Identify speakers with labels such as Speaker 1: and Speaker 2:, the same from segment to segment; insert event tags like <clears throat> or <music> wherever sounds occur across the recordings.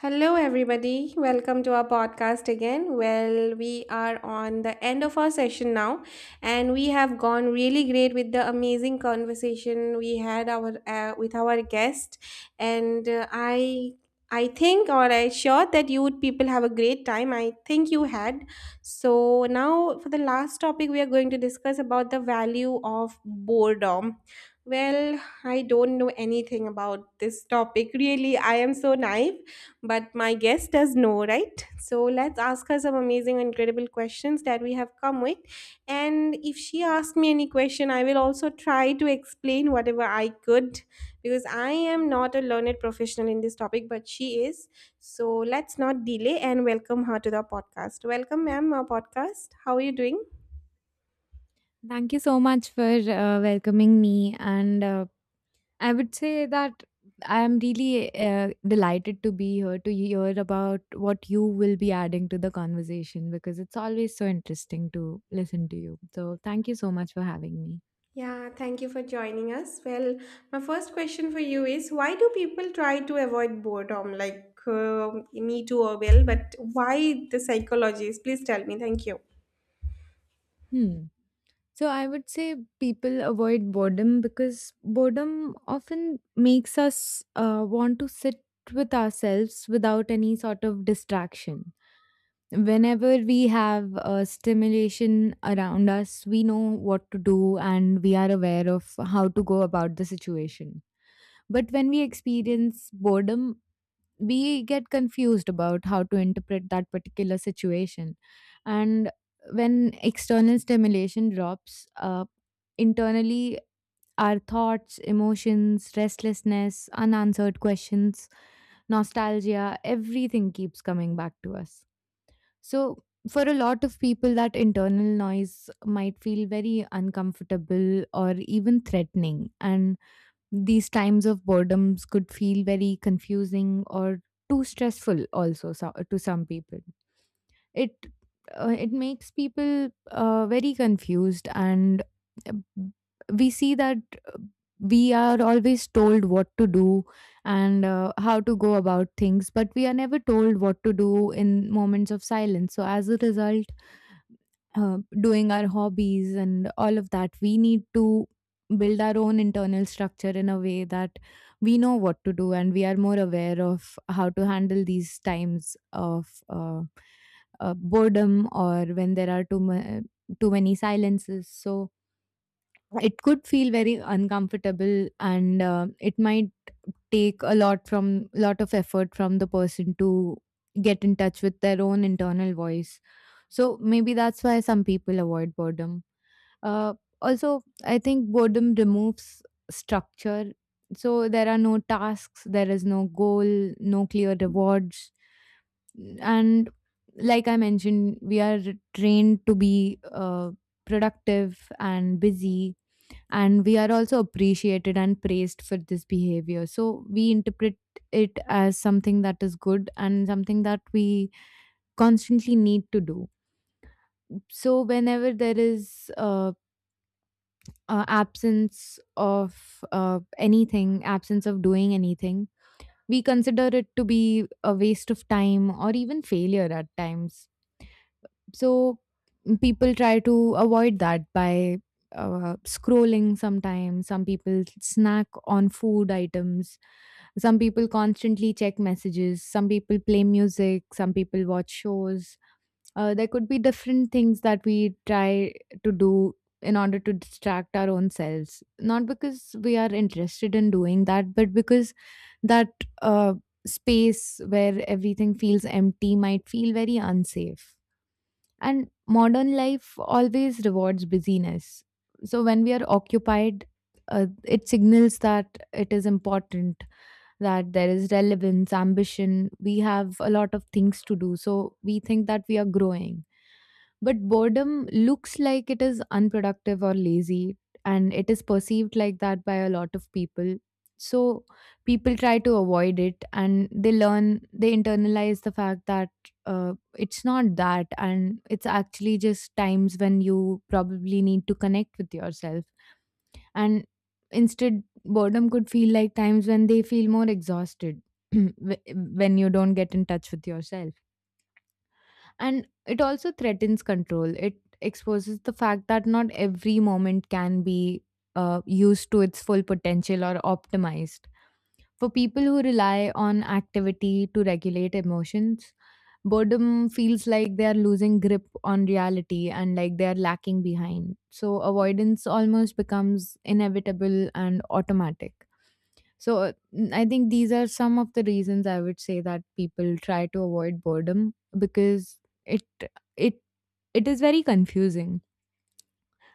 Speaker 1: Hello, everybody. Welcome to our podcast again. Well, we are on the end of our session now, and we have gone really great with the amazing conversation we had our with our guest, and I think or I sure that you people have a great time. I think you had. So now for the last topic we are going to discuss about the value of boredom. Well, I don't know anything about this topic really. I am so naive but my guest does know, right? So let's ask her some amazing, incredible questions that we have come with. And if she asks me any question, I will also try to explain whatever I could because I am not a learned professional in this topic, but she is. So let's not delay and welcome her to the podcast. Welcome, ma'am, our podcast. How are you doing?
Speaker 2: Thank you so much for welcoming me. And I would say that I am really delighted to be here to hear about what you will be adding to the conversation because it's always so interesting to listen to you. So, thank you so much for having me.
Speaker 1: Yeah, thank you for joining us. Well, my first question for you is why do people try to avoid boredom? Like, me too, or well, but why the psychologies? Please tell me. Thank you.
Speaker 2: Hmm. So, I would say people avoid boredom because boredom often makes us want to sit with ourselves without any sort of distraction whenever we have a stimulation around us, we know what to do and we are aware of how to go about the situation. But when we experience boredom, we get confused about how to interpret that particular situation. And when external stimulation drops, internally our thoughts, emotions, restlessness, unanswered questions, nostalgia, everything keeps coming back to us. So, for a lot of people, that internal noise might feel very uncomfortable or even threatening. And these times of boredoms could feel very confusing or too stressful, also, so, to some people it it makes people very confused and uh, we see that uh, we are always told what to do and how to go about things, but we are never told what to do in moments of silence. So as a result, doing our hobbies and all of that. We need to build our own internal structure in a way that we know what to do and we are more aware of how to handle these times of boredom or when there are too many silences. So right, it could feel very uncomfortable and it might take a lot from lot of effort from the person to get in touch with their own internal voice. So maybe that's why some people avoid boredom. Uh, Also, I think boredom removes structure. So there are no tasks, there is no goal, no clear rewards. And like I mentioned, we are trained to be productive and busy, and we are also appreciated and praised for this behavior, so we interpret it as something that is good and something that we constantly need to do. So whenever there is absence of anything, absence of doing anything, we consider it to be a waste of time or even failure at times. So people try to avoid that by scrolling sometimes. Some people snack on food items. Some people constantly check messages. Some people play music. Some people watch shows. There could be different things that we try to do in order to distract our own selves. Not because we are interested in doing that, but because that uh, space where everything feels empty might feel very unsafe. And modern life always rewards busyness. So when we are occupied, it signals that it is important, that there is relevance, ambition. We have a lot of things to do. So we think that we are growing. But boredom looks like it is unproductive or lazy, and it is perceived like that by a lot of people. So people try to avoid it, and they learn, they internalize the fact that it's not that, and it's actually just times when you probably need to connect with yourself. And instead, boredom could feel like times when they feel more exhausted <clears throat> when you don't get in touch with yourself. And it also threatens control. It exposes the fact that not every moment can be used to its full potential or optimized. For people who rely on activity to regulate emotions, boredom feels like they are losing grip on reality and like they are lacking behind. So avoidance almost becomes inevitable and automatic. So I think these are some of the reasons I would say that people try to avoid boredom because it it it is very confusing.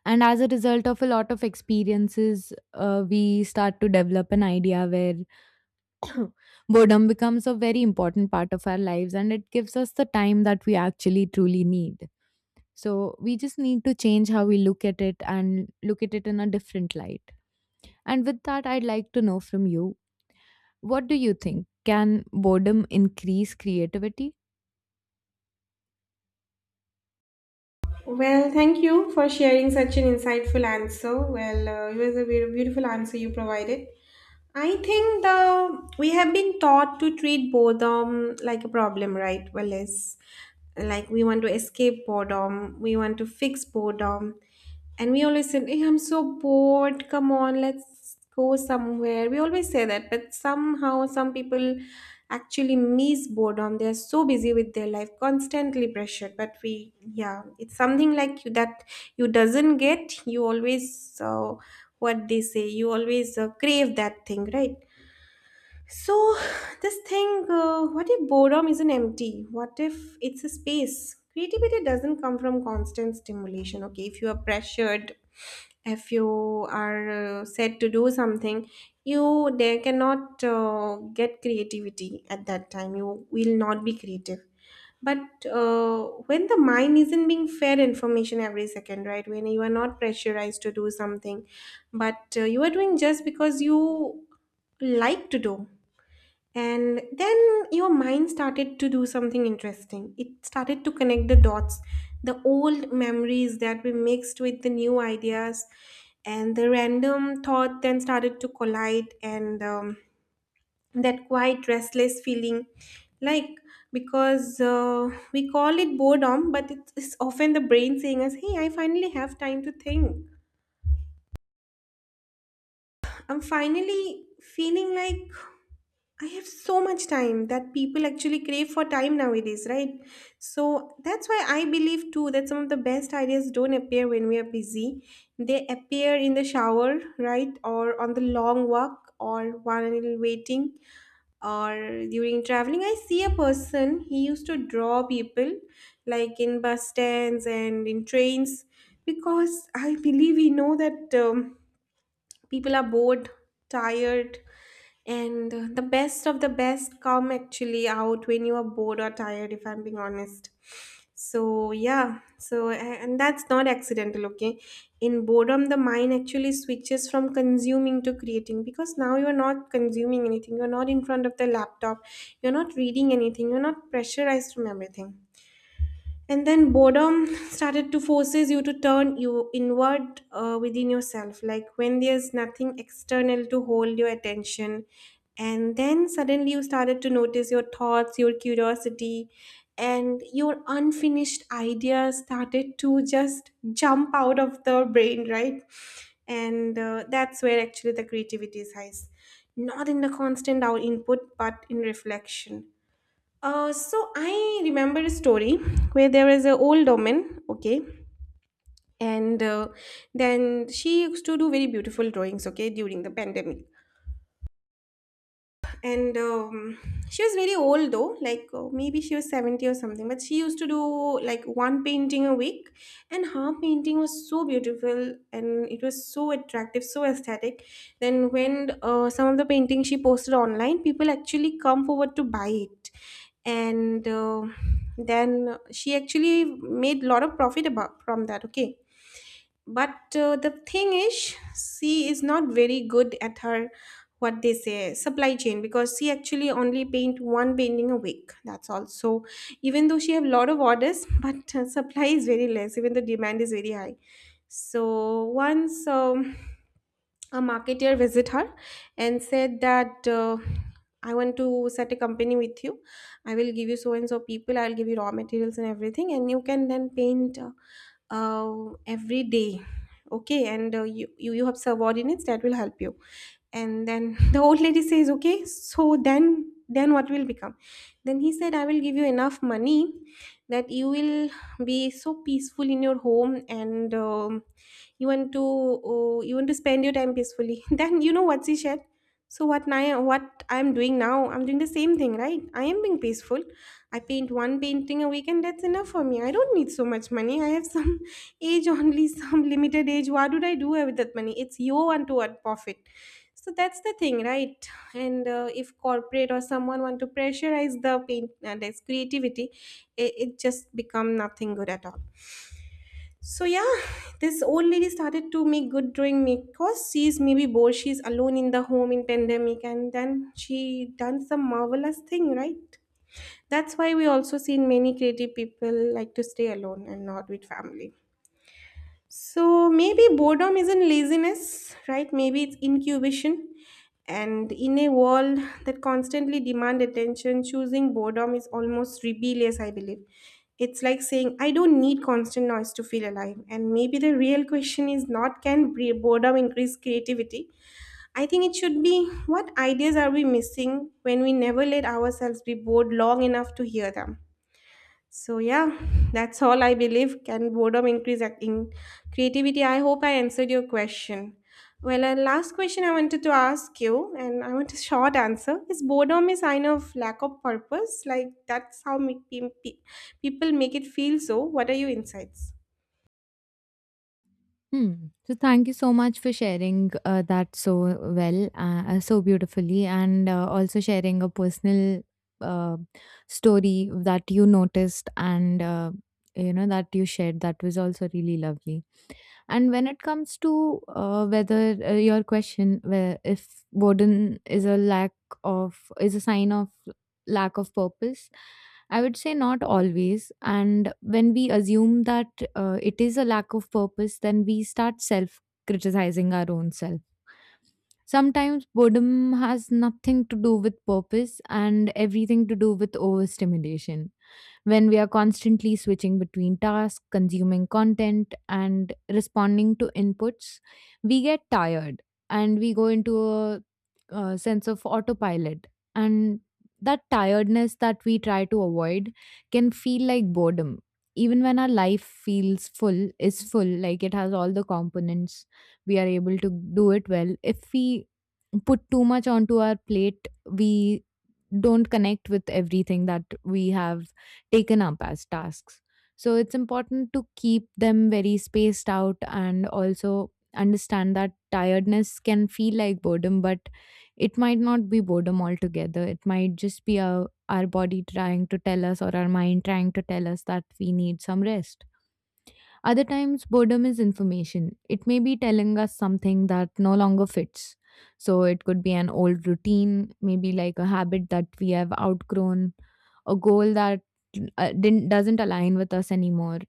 Speaker 2: And as a result of a lot of experiences, we start to develop an idea where <coughs> <clears throat> boredom becomes a very important part of our lives and it gives us the time that we actually truly need. So we just need to change how we look at it and look at it in a different light. And with that, I'd like to know from you, what do you think? Can boredom increase creativity?
Speaker 1: Well, thank you for sharing such an insightful answer. Well, it was a very beautiful answer you provided. I think the we have been taught to treat boredom like a problem, right? Well, it's like we want to escape boredom, we want to fix boredom, and we always say, "Hey, I'm so bored. Come on, let's go somewhere." We always say that, but somehow some people actually miss boredom. They are so busy with their life, constantly pressured. But we, yeah, it's something like you that you doesn't get. You always what they say. You always crave that thing, right? So, this thing, what if boredom isn't empty? What if it's a space? Creativity doesn't come from constant stimulation, okay? If you are pressured, if you are said to do something, you there cannot get creativity at that time. You will not be creative. But when the mind isn't being fed information every second, right? When you are not pressurized to do something, but you are doing just because you like to do, and then your mind started to do something interesting. It started to connect the dots, the old memories that were mixed with the new ideas, and the random thought then started to collide, and that quite restless feeling. Like, because we call it boredom, but it's often the brain saying us, "Hey, I finally have time to think. I'm finally feeling like I have so much time, that people actually crave for time nowadays, right?" So that's why I believe too that some of the best ideas don't appear when we are busy. They appear in the shower, right? Or on the long walk or while waiting or during traveling. I see a person, he used to draw people like in bus stands and in trains because I believe we know that. People are bored, tired, and the best of the best come actually out when you are bored or tired, if I'm being honest. So yeah, so and that's not accidental, okay. In boredom, the mind actually switches from consuming to creating, because now you're not consuming anything, you're not in front of the laptop, you're not reading anything, you're not pressurized from everything. And then boredom started to forces you to turn you inward, within yourself, like when there's nothing external to hold your attention. And then suddenly you started to notice your thoughts, your curiosity, and your unfinished ideas started to just jump out of the brain, right. And that's where actually the creativity is highest, not in the constant out input, but in reflection. So I remember a story where there was an old woman, okay, and then she used to do very beautiful drawings, okay, during the pandemic. And she was very old though, like maybe she was 70 or something, but she used to do like one painting a week. And her painting was so beautiful, and it was so attractive, so aesthetic. Then when some of the paintings she posted online, people actually come forward to buy it. And then she actually made a lot of profit about from that, okay. But the thing is, she is not very good at her, what they say, supply chain, because she actually only paint one painting a week, that's all. So even though she have lot of orders <laughs> but supply is very less, even the demand is very high. So once a marketer visit her and said that, "I want to set a company with you. I will give you so and so people, I'll give you raw materials and everything, and you can then paint every day, okay. And you have subordinates that will help you." And then <laughs> the old lady says, okay, so then what will become? Then he said, "I will give you enough money, that you will be so peaceful in your home, and you want to spend your time peacefully." <laughs> Then you know what she said? So what now, what I'm doing now, I'm doing the same thing, right. I am being peaceful. I paint one painting a week, and that's enough for me. I don't need so much money. I have some <laughs> age, only some limited age. What would I do with that money? It's your one to one profit. So that's the thing, right. And if corporate or someone want to pressurize the paint and its creativity, it just become nothing good at all. So yeah, this old lady started to make good drawing because she's maybe bored, she's alone in the home in pandemic, and then she done some marvelous thing, right. That's why we also seen many creative people like to stay alone and not with family. So maybe boredom isn't laziness, right? Maybe it's incubation. And in a world that constantly demand attention, choosing boredom is almost rebellious, I believe. It's like saying, "I don't need constant noise to feel alive." And maybe the real question is not, can boredom increase creativity? I think it should be, what ideas are we missing when we never let ourselves be bored long enough to hear them? So yeah, that's all I believe. Can boredom increase ac- in creativity? I hope I answered your question. Well, a last question I wanted to ask you, and I want a short answer. Is boredom a sign of lack of purpose? Like, that's how make people make it feel. So, what are your insights?
Speaker 2: Hmm. So thank you so much for sharing that so well, so beautifully, and also sharing a personal uh, story that you noticed and that you shared. That was also really lovely. And when it comes to whether your question, where if boredom is a sign of lack of purpose, I would say not always. And when we assume that it is a lack of purpose, then we start self criticizing our own self. Sometimes boredom has nothing to do with purpose and everything to do with overstimulation. When we are constantly switching between tasks, consuming content, and responding to inputs, we get tired and we go into a sense of autopilot. And that tiredness that we try to avoid can feel like boredom. Even when our life feels full, is full, like it has all the components, we are able to do it well. If we put too much onto our plate, we don't connect with everything that we have taken up as tasks. So it's important to keep them very spaced out and also understand that tiredness can feel like boredom, but it might not be boredom altogether. It might just be our body trying to tell us or our mind trying to tell us that we need some rest. Other times, boredom is information. It may be telling us something that no longer fits. So, it could be an old routine, maybe like a habit that we have outgrown, a goal that didn't, doesn't align with us anymore.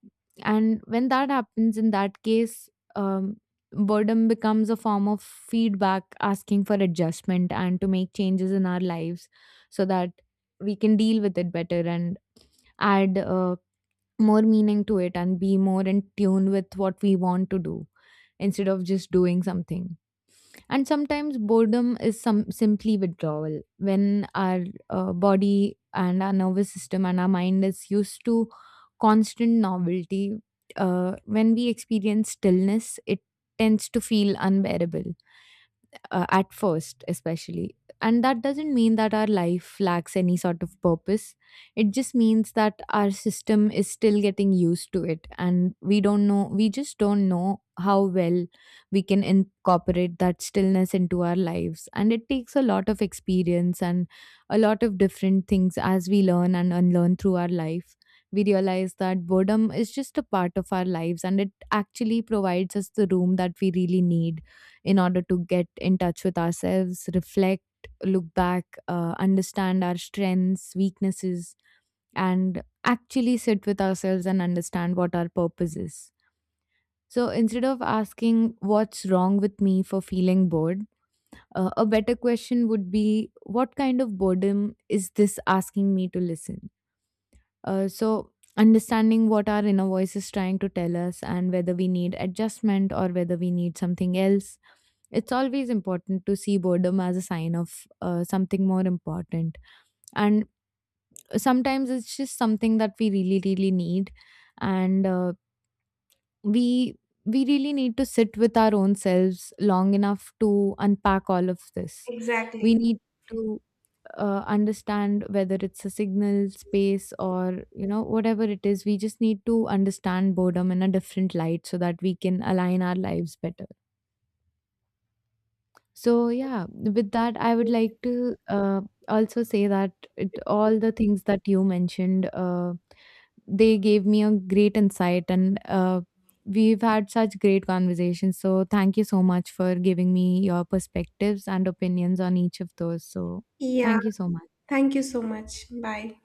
Speaker 2: And when that happens, in that case, um, boredom becomes a form of feedback asking for adjustment and to make changes in our lives so that we can deal with it better and add more meaning to it and be more in tune with what we want to do instead of just doing something. And sometimes boredom is some simply withdrawal. When our body and our nervous system and our mind is used to constant novelty, when we experience stillness, it tends to feel unbearable at first, especially. And that doesn't mean that our life lacks any sort of purpose. It just means that our system is still getting used to it. And we don't know, we just don't know how well we can incorporate that stillness into our lives. And it takes a lot of experience and a lot of different things as we learn and unlearn through our life. We realize that boredom is just a part of our lives and it actually provides us the room that we really need in order to get in touch with ourselves, reflect, look back, understand our strengths, weaknesses, and actually sit with ourselves and understand what our purpose is. So instead of asking what's wrong with me for feeling bored, a better question would be, what kind of boredom is this asking me to listen? So, understanding what our inner voice is trying to tell us and whether we need adjustment or whether we need something else, it's always important to see boredom as a sign of something more important. And sometimes it's just something that we really, really need. And we we really need to sit with our own selves long enough to unpack all of this.
Speaker 1: Exactly.
Speaker 2: We need to understand whether it's a signal space, or you know whatever it is, we just need to understand boredom in a different light so that we can align our lives better. So yeah, with that, I would like to also say that it, all the things that you mentioned, they gave me a great insight, and we've had such great conversations. So thank you so much for giving me your perspectives and opinions on each of those. So
Speaker 1: Yeah.
Speaker 2: thank you so much.
Speaker 1: Thank you so much. Bye.